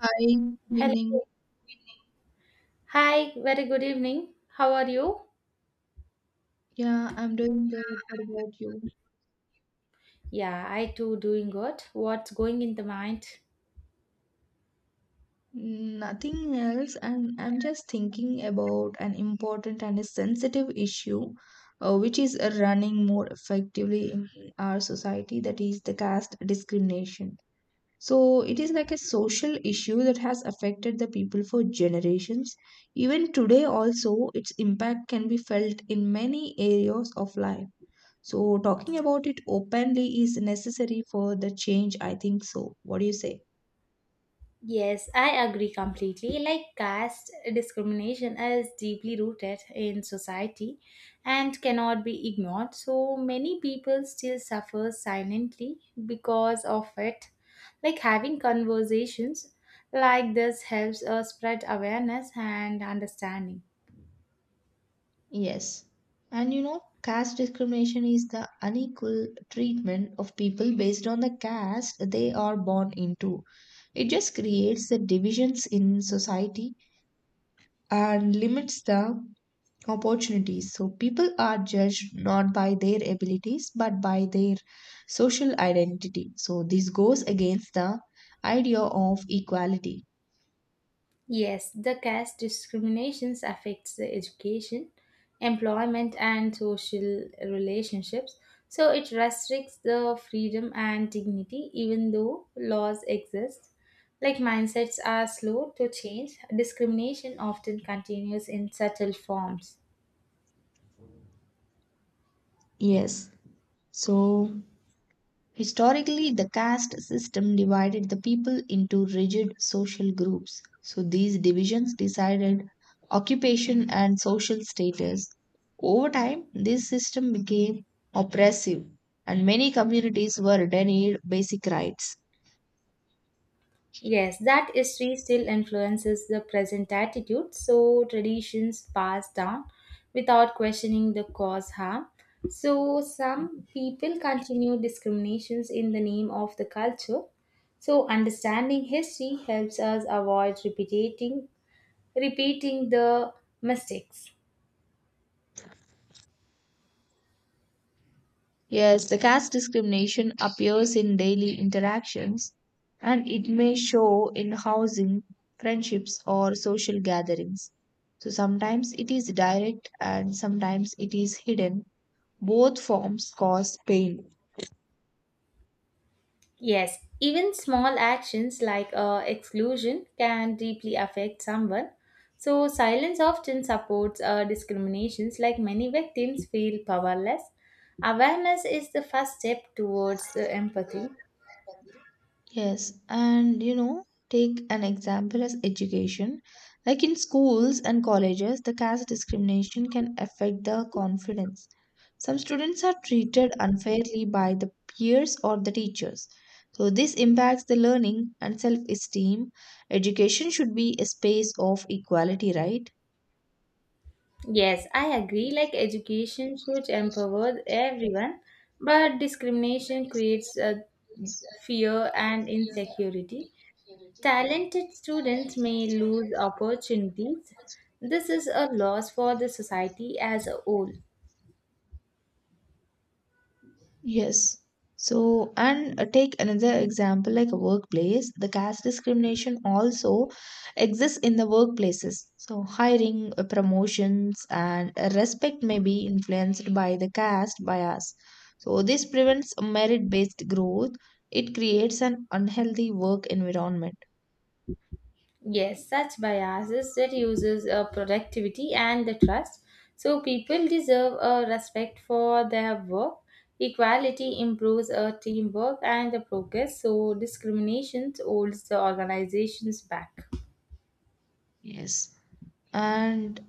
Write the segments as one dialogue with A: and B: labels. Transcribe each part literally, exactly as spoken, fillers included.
A: Hi, good evening.
B: Hello. Hi, very good evening. How are you?
A: Yeah, I'm doing good. What about you?
B: Yeah, I too doing good. What's going in the mind?
A: Mm, Nothing else. I'm I'm just thinking about an important and a sensitive issue, uh, which is uh, running more effectively in our society, that is the caste discrimination. So it is like a social issue that has affected the people for generations. Even today also, its impact can be felt in many areas of life. So talking about it openly is necessary for the change, I think so. What do you say?
B: Yes, I agree completely. Like caste discrimination is deeply rooted in society and cannot be ignored. So many people still suffer silently because of it. Like having conversations like this helps us spread awareness and understanding.
A: Yes. And you know, caste discrimination is the unequal treatment of people based on the caste they are born into. It just creates the divisions in society and limits the opportunities. So people are judged not by their abilities but by their social identity. So this goes against the idea of equality.
B: Yes, the caste discriminations affects the education, employment and social relationships. So it restricts the freedom and dignity even though laws exist. Like mindsets are slow to change, discrimination often continues in subtle forms.
A: Yes. So, historically, the caste system divided the people into rigid social groups. So, these divisions decided occupation and social status. Over time, this system became oppressive, and many communities were denied basic rights.
B: Yes, that history still influences the present attitude, so traditions passed down without questioning the cause harm. So some people continue discriminations in the name of the culture. So understanding history helps us avoid repeating repeating the mistakes.
A: Yes, the caste discrimination appears in daily interactions and it may show in housing, friendships, or social gatherings. So sometimes it is direct and sometimes it is hidden. Both forms cause pain.
B: Yes, even small actions like uh, exclusion can deeply affect someone. So, silence often supports uh, discriminations, like many victims feel powerless. Awareness is the first step towards the empathy.
A: Yes, and you know, take an example as education. Like in schools and colleges, the caste discrimination can affect the confidence. Some students are treated unfairly by the peers or the teachers. So, this impacts the learning and self esteem. Education should be a space of equality, right?
B: Yes, I agree, like education should empower everyone, but discrimination creates uh, fear and
A: Theater
B: insecurity.
A: Impurity.
B: Talented students
A: Direct
B: may lose
A: students.
B: opportunities. This is a loss for the society as a whole.
A: Yes. So, and uh, take another example like a workplace. The caste discrimination also exists in the workplaces. So, hiring, uh, promotions, and uh, respect may be influenced by the caste bias. So, this prevents merit based growth. It creates an unhealthy work environment.
B: Yes, such biases reduces uh, productivity and the trust. So people deserve a respect for their work. Equality improves uh, teamwork and the progress. So discrimination holds the organizations back.
A: Yes. And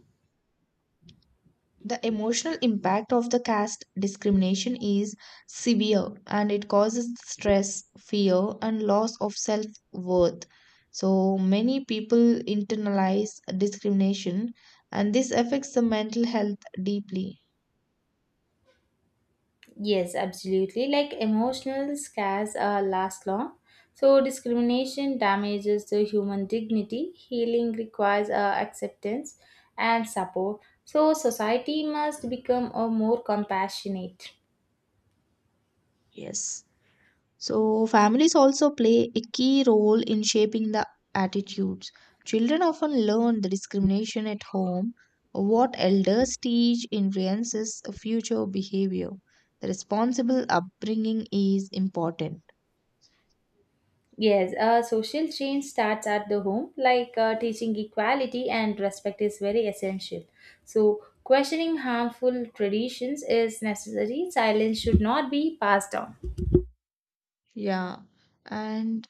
A: the emotional impact of the caste discrimination is severe and it causes stress, fear, and loss of self worth. So many people internalize discrimination, and this affects the mental health deeply.
B: Yes, absolutely. Like emotional scars uh, last long. So, discrimination damages the human dignity. Healing requires uh, acceptance and support. So, society must become uh, more compassionate.
A: Yes. So, families also play a key role in shaping the attitudes. Children often learn the discrimination at home. What elders teach influences future behavior. The responsible upbringing is important.
B: Yes, uh, social change starts at the home, like uh, teaching equality and respect is very essential. So, questioning harmful traditions is necessary. Silence should not be passed down.
A: Yeah, and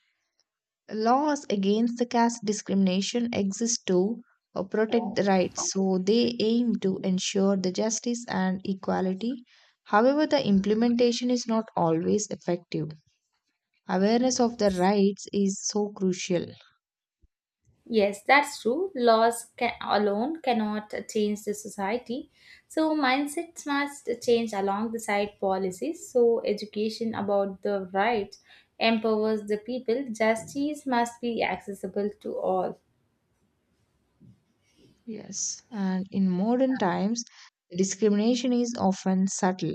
A: laws against the caste discrimination exist to uh, protect the rights, so they aim to ensure the justice and equality. However, the implementation is not always effective. Awareness of their rights is so crucial.
B: Yes, that's true. Laws can, alone cannot change the society. So, mindsets must change along the side policies. So, education about the right empowers the people. Justice must be accessible to all.
A: Yes, and in modern times, discrimination is often subtle,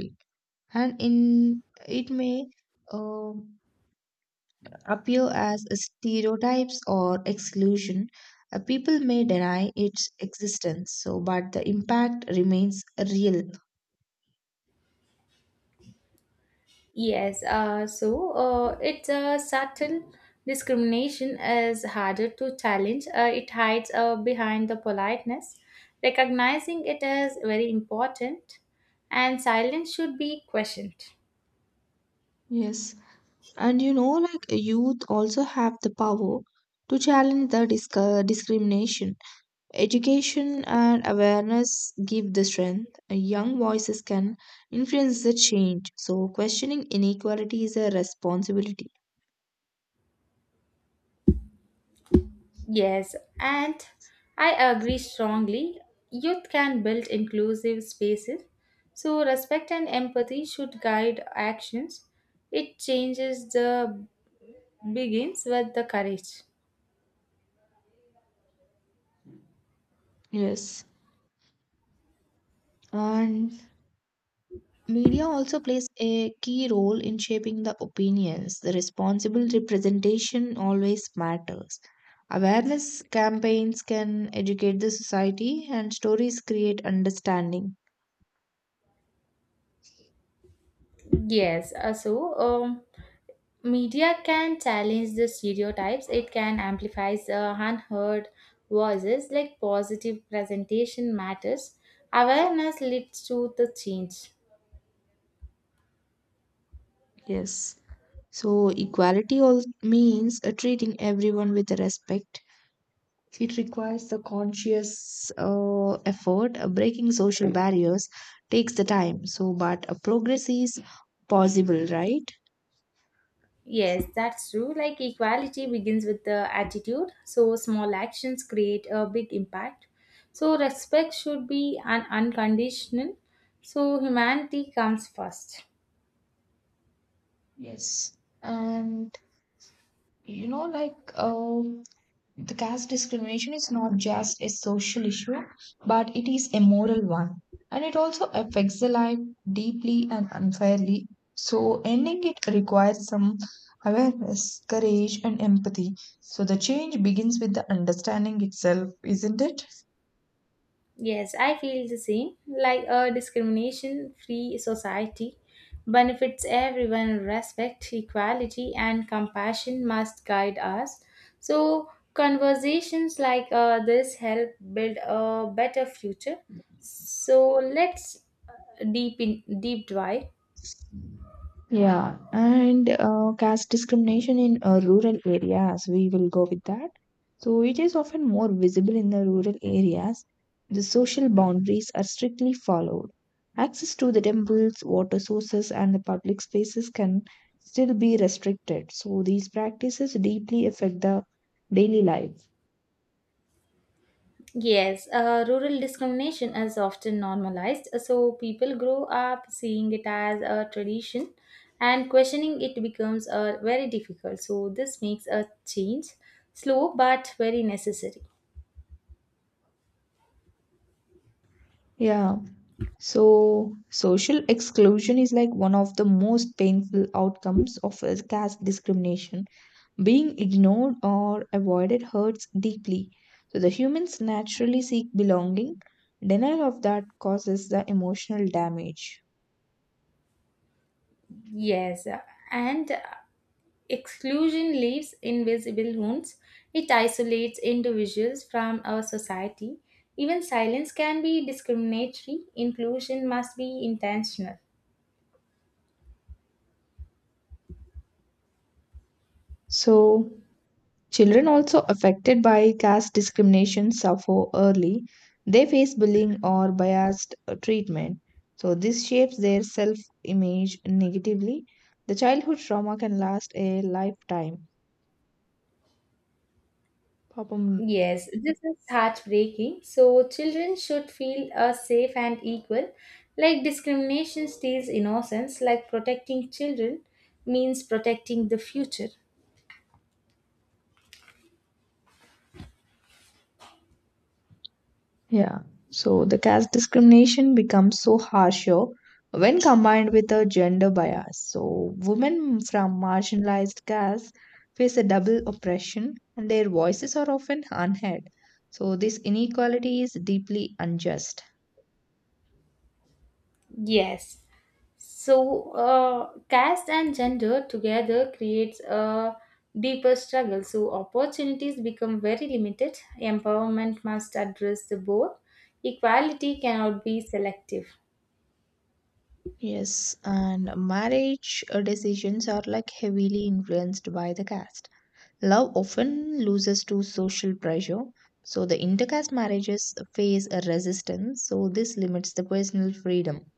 A: and in it may um appear as stereotypes or exclusion. Uh, people may deny its existence, so but the impact remains real.
B: Yes, uh, so uh, it's a subtle discrimination is harder to challenge. Uh, it hides uh, behind the politeness. Recognizing it is very important, and silence should be questioned.
A: Yes, and you know, like youth also have the power to challenge the disc- discrimination. Education and awareness give the strength. Young voices can influence the change. So, questioning inequality is a responsibility.
B: Yes, and I agree strongly. Youth can build inclusive spaces, so respect and empathy should guide actions. It changes the begins with the courage.
A: Yes. And media also plays a key role in shaping the opinions. The responsible representation always matters. Awareness campaigns can educate the society, and stories create understanding.
B: Yes, uh, so um, media can challenge the stereotypes. It can amplify the unheard voices, like positive presentation matters. Awareness leads to the change.
A: Yes. So, equality all means uh, treating everyone with respect. It requires the conscious uh, effort. Uh, Breaking social barriers takes the time. So, but uh, progress is possible, right?
B: Yes, that's true. Like equality begins with the attitude. So small actions create a big impact. So respect should be an unconditional. So humanity comes first.
A: Yes. And you know, like, uh, the caste discrimination is not just a social issue, but it is a moral one. And it also affects the life deeply and unfairly. So, ending it requires some awareness, courage, and empathy. So, the change begins with the understanding itself, isn't it?
B: Yes, I feel the same. Like a discrimination free society benefits everyone, respect, equality, and compassion must guide us. So, conversations like uh, this help build a better future. So, let's uh, deep in deep dive.
A: Yeah, and uh, caste discrimination in uh, rural areas, we will go with that. So it is often more visible in the rural areas. The social boundaries are strictly followed. Access to the temples, water sources, and the public spaces can still be restricted. So these practices deeply affect the daily life.
B: Yes, uh, rural discrimination is often normalized, so people grow up seeing it as a tradition and questioning it becomes uh, very difficult. So, this makes a change slow but very necessary.
A: Yeah, so social exclusion is like one of the most painful outcomes of uh, caste discrimination. Being ignored or avoided hurts deeply. So the humans naturally seek belonging. Denial of that causes the emotional damage.
B: Yes, uh, and uh, exclusion leaves invisible wounds, it isolates individuals from our society. Even silence can be discriminatory, inclusion must be intentional.
A: So children also affected by caste discrimination suffer early. They face bullying or biased uh, treatment. So this shapes their self-image negatively. The childhood trauma can last a lifetime. பாப்போம்.
B: Yes, this is heartbreaking. So, children should feel uh, safe and equal. Like discrimination steals innocence, like protecting children means protecting the future.
A: Yeah. So the caste discrimination becomes so harsher when combined with a gender bias. So women from marginalized castes face a double oppression and their voices are often unheard. So this inequality is deeply unjust.
B: Yes. So, uh, caste and gender together creates a deeper struggle. So, opportunities become very limited. Empowerment must address the both. Equality cannot be selective.
A: Yes, and marriage uh, decisions are like heavily influenced by the caste. Love often loses to social pressure, so the intercaste marriages face a resistance, so this limits the personal freedom.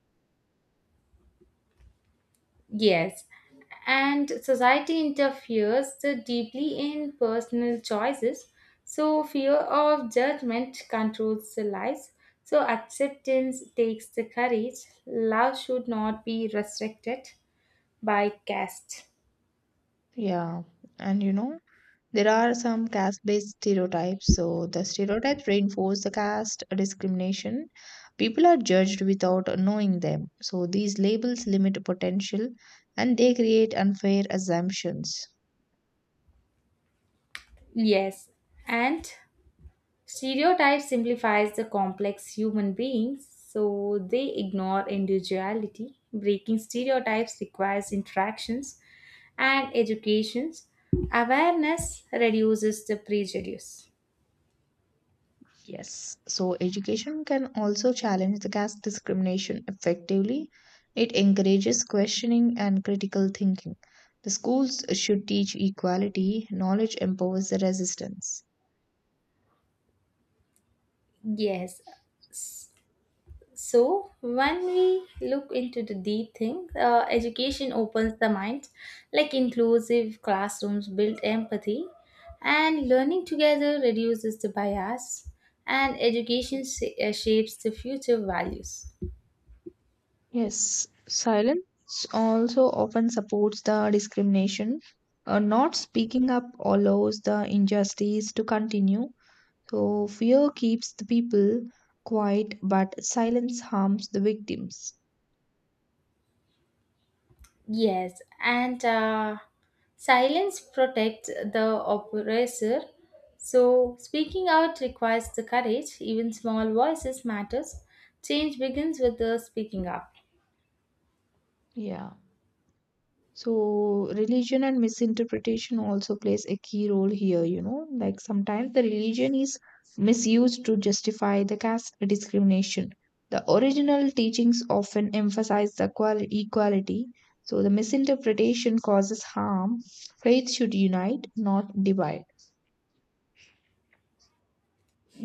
B: Yes, and society interferes so deeply in personal choices. So, fear of judgment controls the lives. So, acceptance takes the courage. Love should not be restricted by caste.
A: Yeah, and you know, there are some caste based stereotypes, so the stereotypes reinforce the caste discrimination. People are judged without knowing them, so these labels limit potential and they create unfair assumptions.
B: Yes, and stereotype simplifies the complex human beings, so they ignore individuality. Breaking stereotypes requires interactions and educations. Awareness reduces the prejudice.
A: Yes, so education can also challenge the caste discrimination effectively. It encourages questioning and critical thinking. The schools should teach equality, knowledge empowers the resistance.
B: Yes, so when we look into the deep thing, uh, education opens the mind, like inclusive classrooms build empathy, and learning together reduces the bias, and education sh- uh, shapes the future values.
A: Yes, silence also often supports the discrimination. Uh, not speaking up allows the injustice to continue. So, fear keeps the people quiet, but silence harms the victims.
B: Yes, and uh, silence protects the oppressor. So, speaking out requires the courage, even small voices matters. Change begins with the speaking up.
A: Yeah. So religion and misinterpretation also plays a key role here, you know, like sometimes the religion is misused to justify the caste discrimination. The original teachings often emphasize the qual- equality, so the misinterpretation causes harm. Faith should unite, not divide.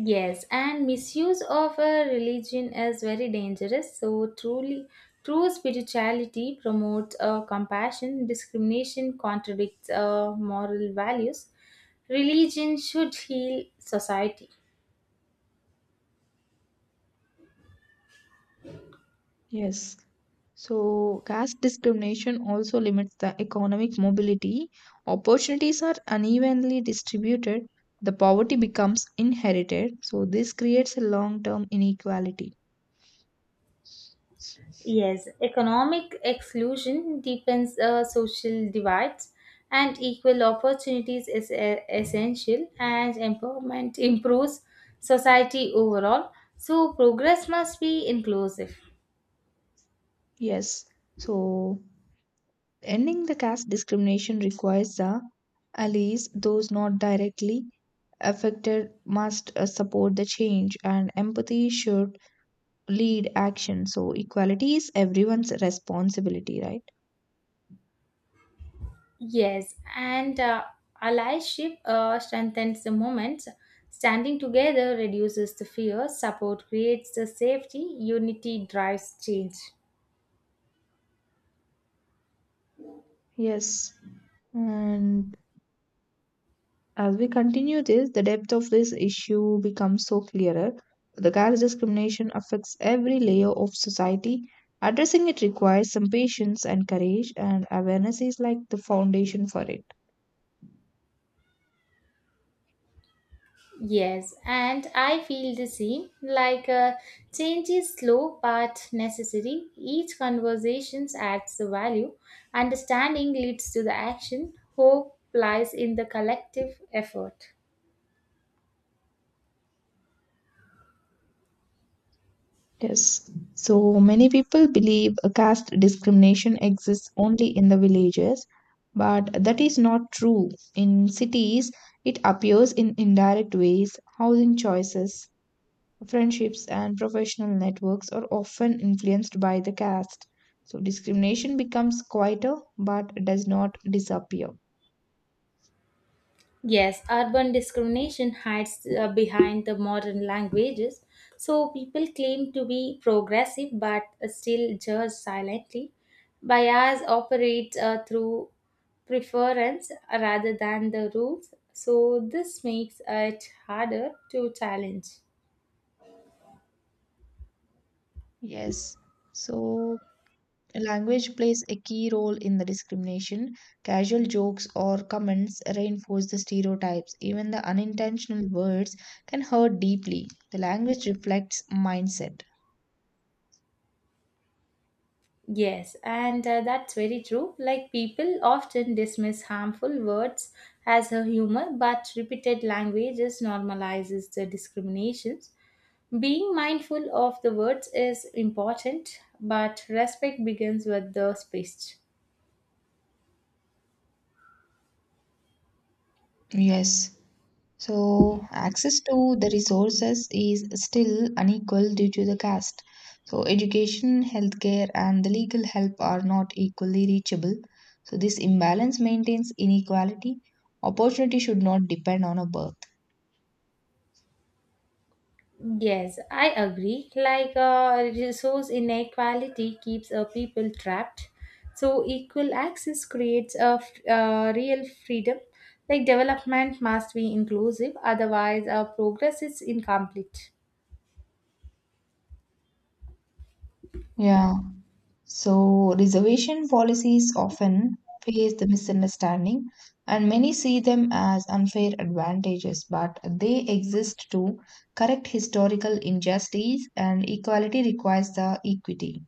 B: Yes, and misuse of a religion is very dangerous. So truly, true spirituality promotes uh, compassion. Discrimination contradicts uh, moral values. Religion should heal society.
A: Yes. So, caste discrimination also limits the economic mobility. Opportunities are unevenly distributed. The poverty becomes inherited. So, this creates a long term inequality.
B: Yes, economic exclusion deepens uh, social divides, and equal opportunities is uh, essential. And empowerment improves society overall. So progress must be inclusive.
A: Yes. So, ending the caste discrimination requires the allies, those not directly affected, must uh, support the change, and empathy should lead action. So, equality is everyone's responsibility, right?
B: Yes, and uh, allyship uh, strengthens the moments. Standing together reduces the fear, support creates the safety, unity drives change.
A: Yes. And as we continue this, the depth of this issue becomes so clearer. The caste discrimination affects every layer of society. Addressing it requires some patience and courage, and awareness is like the foundation for it.
B: Yes, and I feel the same. Like uh, change is slow but necessary. Each conversation adds the value. Understanding leads to the action. Hope lies in the collective effort.
A: Yes. So many people believe a caste discrimination exists only in the villages, but that is not true. In cities, it appears in indirect ways, housing choices, friendships, and professional networks are often influenced by the caste. So discrimination becomes quieter but does not disappear.
B: Yes, urban discrimination hides uh, behind the modern languages. So people claim to be progressive but uh, still judge silently. Bias operates uh, through preference rather than the rules. So this makes it harder to challenge.
A: Yes. So language plays a key role in the discrimination. Casual jokes or comments reinforce the stereotypes. Even the unintentional words can hurt deeply. The language reflects mindset.
B: Yes, and uh, that's very true. Like people often dismiss harmful words as a humor, but repeated languages normalizes the discriminations. Being mindful of the words is important, but respect begins with the speech.
A: Yes. So, access to the resources is still unequal due to the caste. So, education, healthcare, and the legal help are not equally reachable. So, this imbalance maintains inequality. Opportunity should not depend on a birth.
B: Yes, I agree. Like uh, resource inequality keeps uh, people trapped. So equal access creates a f- uh, real freedom. Like development must be inclusive, otherwise, uh, progress is incomplete.
A: Yeah. So, reservation policies often face the misunderstanding, and many see them as unfair advantages, but they exist to correct historical injustice, and equality requires the equity.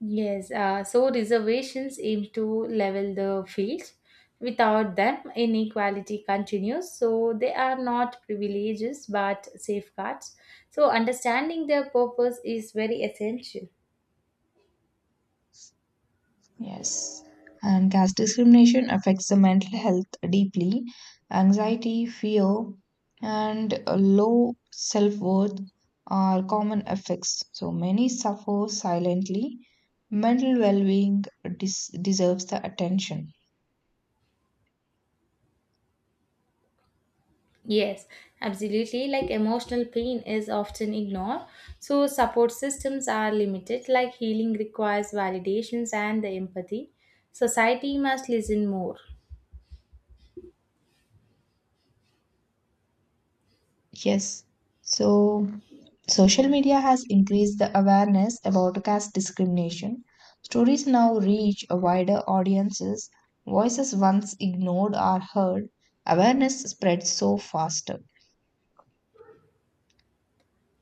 B: Yes, uh, so reservations aim to level the field. Without them, inequality continues. So they are not privileges but safeguards. So understanding their purpose is very essential.
A: Yes, and caste discrimination affects the mental health deeply. Anxiety, fear, and uh, low self-worth are common effects. So many suffer silently. Mental well-being des- deserves the attention.
B: Yes, absolutely. Like emotional pain is often ignored. So support systems are limited. Like healing requires validations and the empathy. Society must listen more.
A: Yes. So social media has increased the awareness about caste discrimination. Stories now reach a wider audiences. Voices once ignored are heard. Awareness spreads so faster.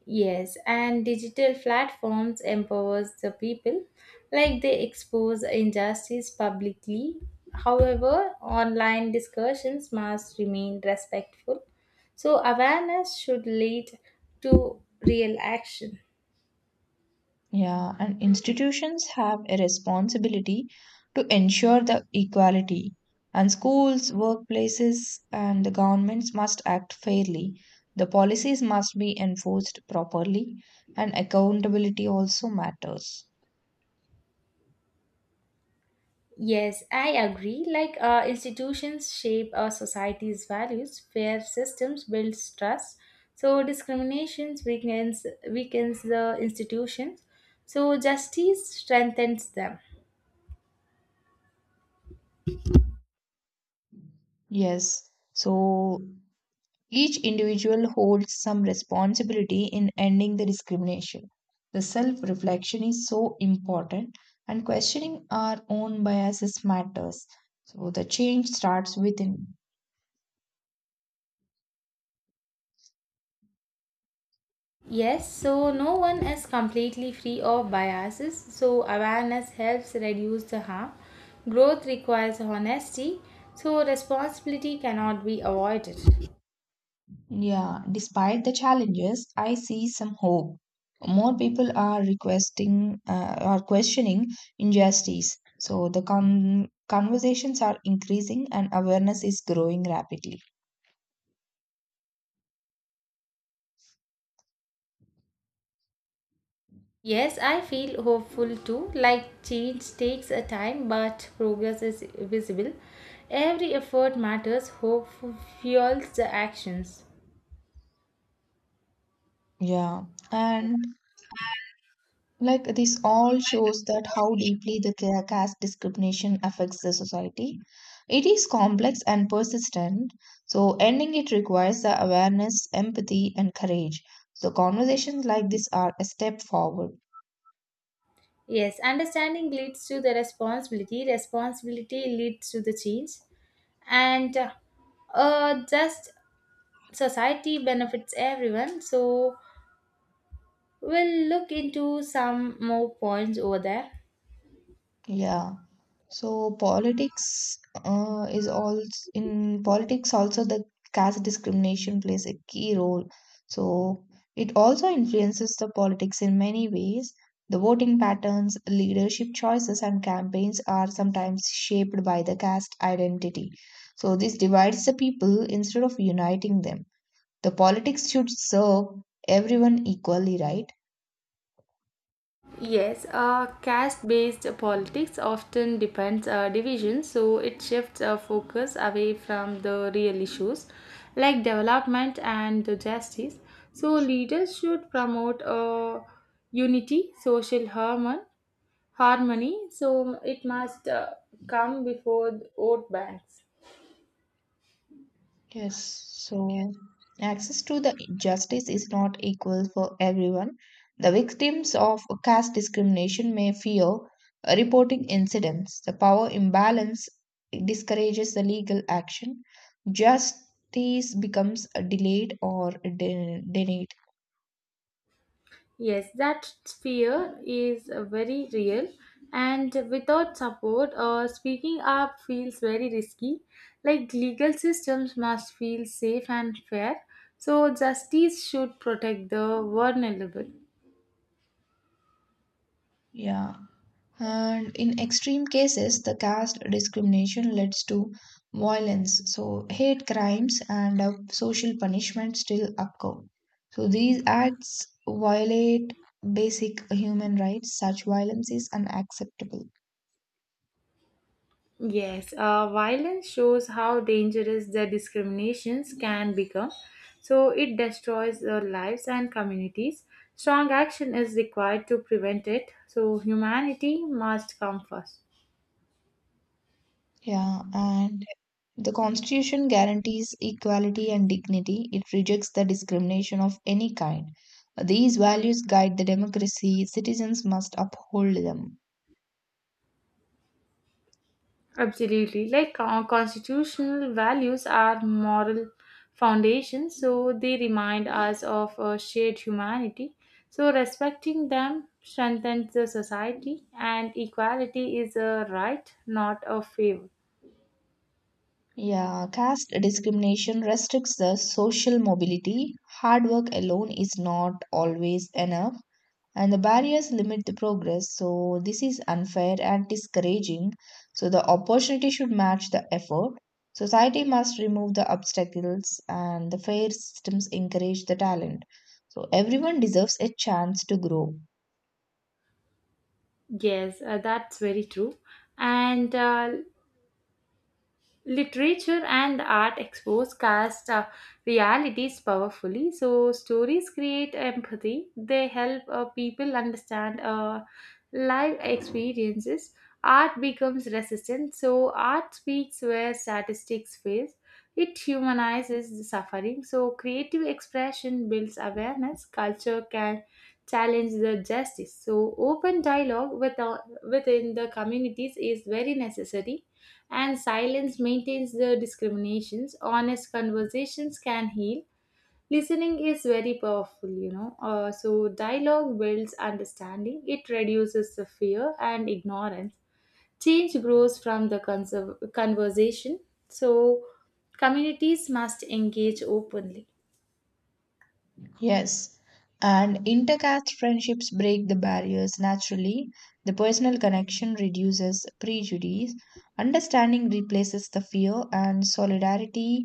B: Yes, and digital platforms empowers the people, like they expose injustice publicly. However, online discussions must remain respectful. So awareness should lead to real action.
A: Yeah, and institutions have a responsibility to ensure the equality, and schools, workplaces, and the governments must act fairly. The policies must be enforced properly, and accountability also matters.
B: Yes, I agree. Like uh, institutions shape our society's values, fair systems builds trust. So discriminations weakens weakens the institutions. So justice strengthens them.
A: Yes, so each individual holds some responsibility in ending the discrimination. The self reflection is so important, and questioning our own biases matters. So, the change starts within.
B: Yes, so no one is completely free of biases, so awareness helps reduce the harm. Growth requires honesty, so responsibility cannot be avoided.
A: Yeah, despite the challenges, I see some hope. More people are requesting uh, are questioning injustice. So, the con- conversations are increasing and awareness is growing rapidly.
B: Yes, I feel hopeful too. Like change takes a time, but progress is visible. Every effort matters, hope fuels the actions.
A: Yeah, and like this all shows that how deeply the ca- caste discrimination affects the society. It is complex and persistent, so ending it requires the awareness, empathy, and courage. So conversations like this are a step forward.
B: Yes, understanding leads to the responsibility, responsibility leads to the change, and uh, uh, just society benefits everyone. So we'll look into some more points over there.
A: Yeah. So politics uh, is also in politics also the caste discrimination plays a key role. So it also influences the politics in many ways. The voting patterns, leadership choices, and campaigns are sometimes shaped by the caste identity. So this divides the people instead of uniting them. The politics should serve everyone equally, right?
B: Yes, uh, caste based politics often depends uh, division, so it shifts uh, focus away from the real issues like development and the justice. So, leaders should promote uh, unity, social harmon- harmony, so it must uh, come before the vote banks.
A: Yes, so access to the justice is not equal for everyone. The victims of caste discrimination may fear reporting incidents. The power imbalance discourages the legal action. Justice becomes delayed or de- denied.
B: Yes, that fear is uh, very real, and without support, uh, speaking up feels very risky. Like legal systems must feel safe and fair, so justice should protect the vulnerable.
A: Yeah. And in extreme cases, the caste discrimination leads to violence. So, hate crimes and uh, social punishment still occur. So, these acts violate basic human rights. Such violence is unacceptable.
B: Yes, uh, violence shows how dangerous the discriminations can become, so it destroys the lives and communities. Strong action is required to prevent it, so humanity must come first.
A: Yeah. And the Constitution guarantees equality and dignity, it rejects the discrimination of any kind. These values guide the democracy, citizens must uphold them.
B: Absolutely. Like uh, constitutional values are moral foundations, so they remind us of a shared humanity. So respecting them strengthens the society, and equality is a right, not a favor.
A: Yeah, caste discrimination restricts the social mobility. Hard work alone is not always enough, and the barriers limit the progress. So, this is unfair and discouraging. So, the opportunity should match the effort. Society must remove the obstacles, and the fair systems encourage the talent. So, everyone deserves a chance to grow.
B: Yes, uh, that's very true. And uh, literature and art expose caste uh, realities powerfully, so stories create empathy, they help uh, people understand uh, life experiences. Art becomes resistant, so art speaks where statistics fail. It humanizes the suffering, so creative expression builds awareness. Culture can challenge the justice, so open dialogue with, uh, within the communities is very necessary, and silence maintains the discriminations. Honest conversations can heal. Listening is very powerful, you know. Uh, so, dialogue builds understanding, it reduces the fear and ignorance. Change grows from the conserv- conversation. So, communities must engage openly.
A: Yes, and intercaste friendships break the barriers naturally. The personal connection reduces prejudice. Understanding replaces the fear, and solidarity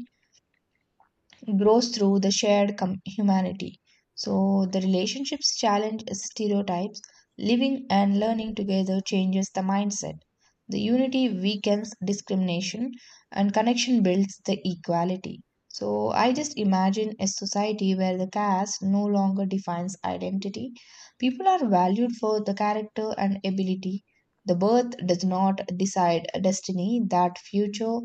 A: grows through the shared com- humanity. So, the relationships challenge stereotypes, living and learning together changes the mindset. The unity weakens discrimination, and connection builds the equality. So, I just imagine a society where the caste no longer defines identity. People are valued for the character and ability. The birth does not decide destiny, that future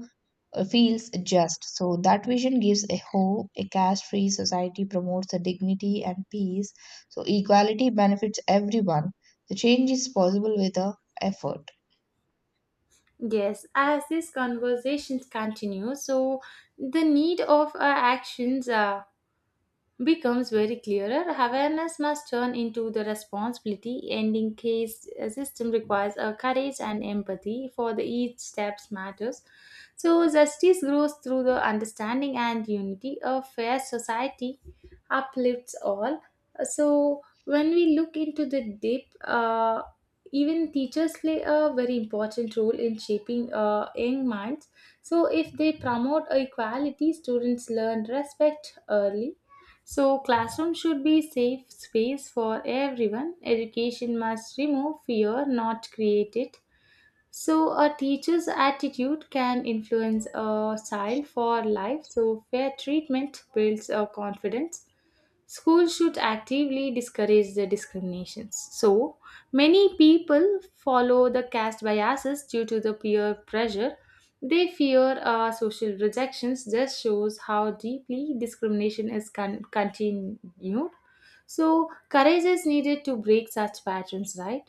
A: uh, feels just. So that vision gives a hope. A caste-free society promotes the dignity and peace. So equality benefits everyone. The change is possible with a effort.
B: Yes, as this conversations continue, so the need of uh, actions. Uh, becomes very clearer, awareness must turn into the responsibility. Ending case uh, system requires a courage and empathy for the each steps matters. So justice grows through the understanding and unity. A fair society uplifts all. So when we look into the deep, uh, even teachers play a very important role in shaping uh, young minds. So if they promote equality, students learn respect early, so classroom should be safe space for everyone. Education must remove fear, not create it. So, a teacher's attitude can influence a child for life. So, fair treatment builds a confidence. Schools should actively discourage the discriminations. So many people follow the caste biases due to the peer pressure. They fear uh, social rejections. Just shows how deeply discrimination is con- continued. So courage is needed to break such patterns, right?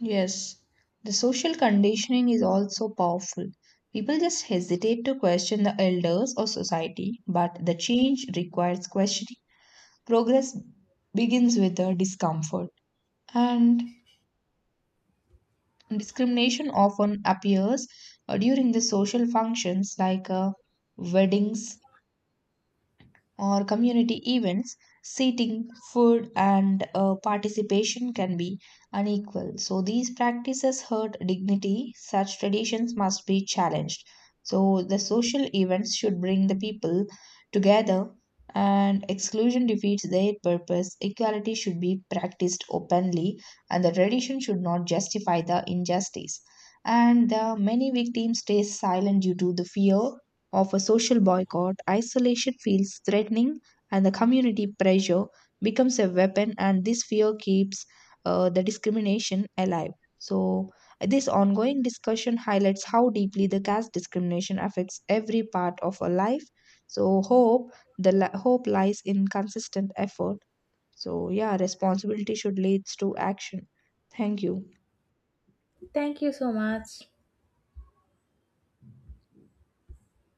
A: Yes, the social conditioning is also powerful. People just hesitate to question the elders or society, but the change requires questioning. Progress begins with the discomfort. And discrimination often appears uh, during the social functions like uh, weddings, or community events, seating, food, and uh, participation can be unequal. So, these practices hurt dignity. Such traditions must be challenged. So, the social events should bring the people together, and exclusion defeats their purpose. Equality should be practiced openly, and the tradition should not justify the injustice. And the many victims stay silent due to the fear of a social boycott, isolation feels threatening and the community pressure becomes a weapon, and this fear keeps uh, the discrimination alive. So, this ongoing discussion highlights how deeply the caste discrimination affects every part of our life. So, hope the li- hope lies in consistent effort. So, yeah, responsibility should lead to action. Thank you.
B: Thank you so much.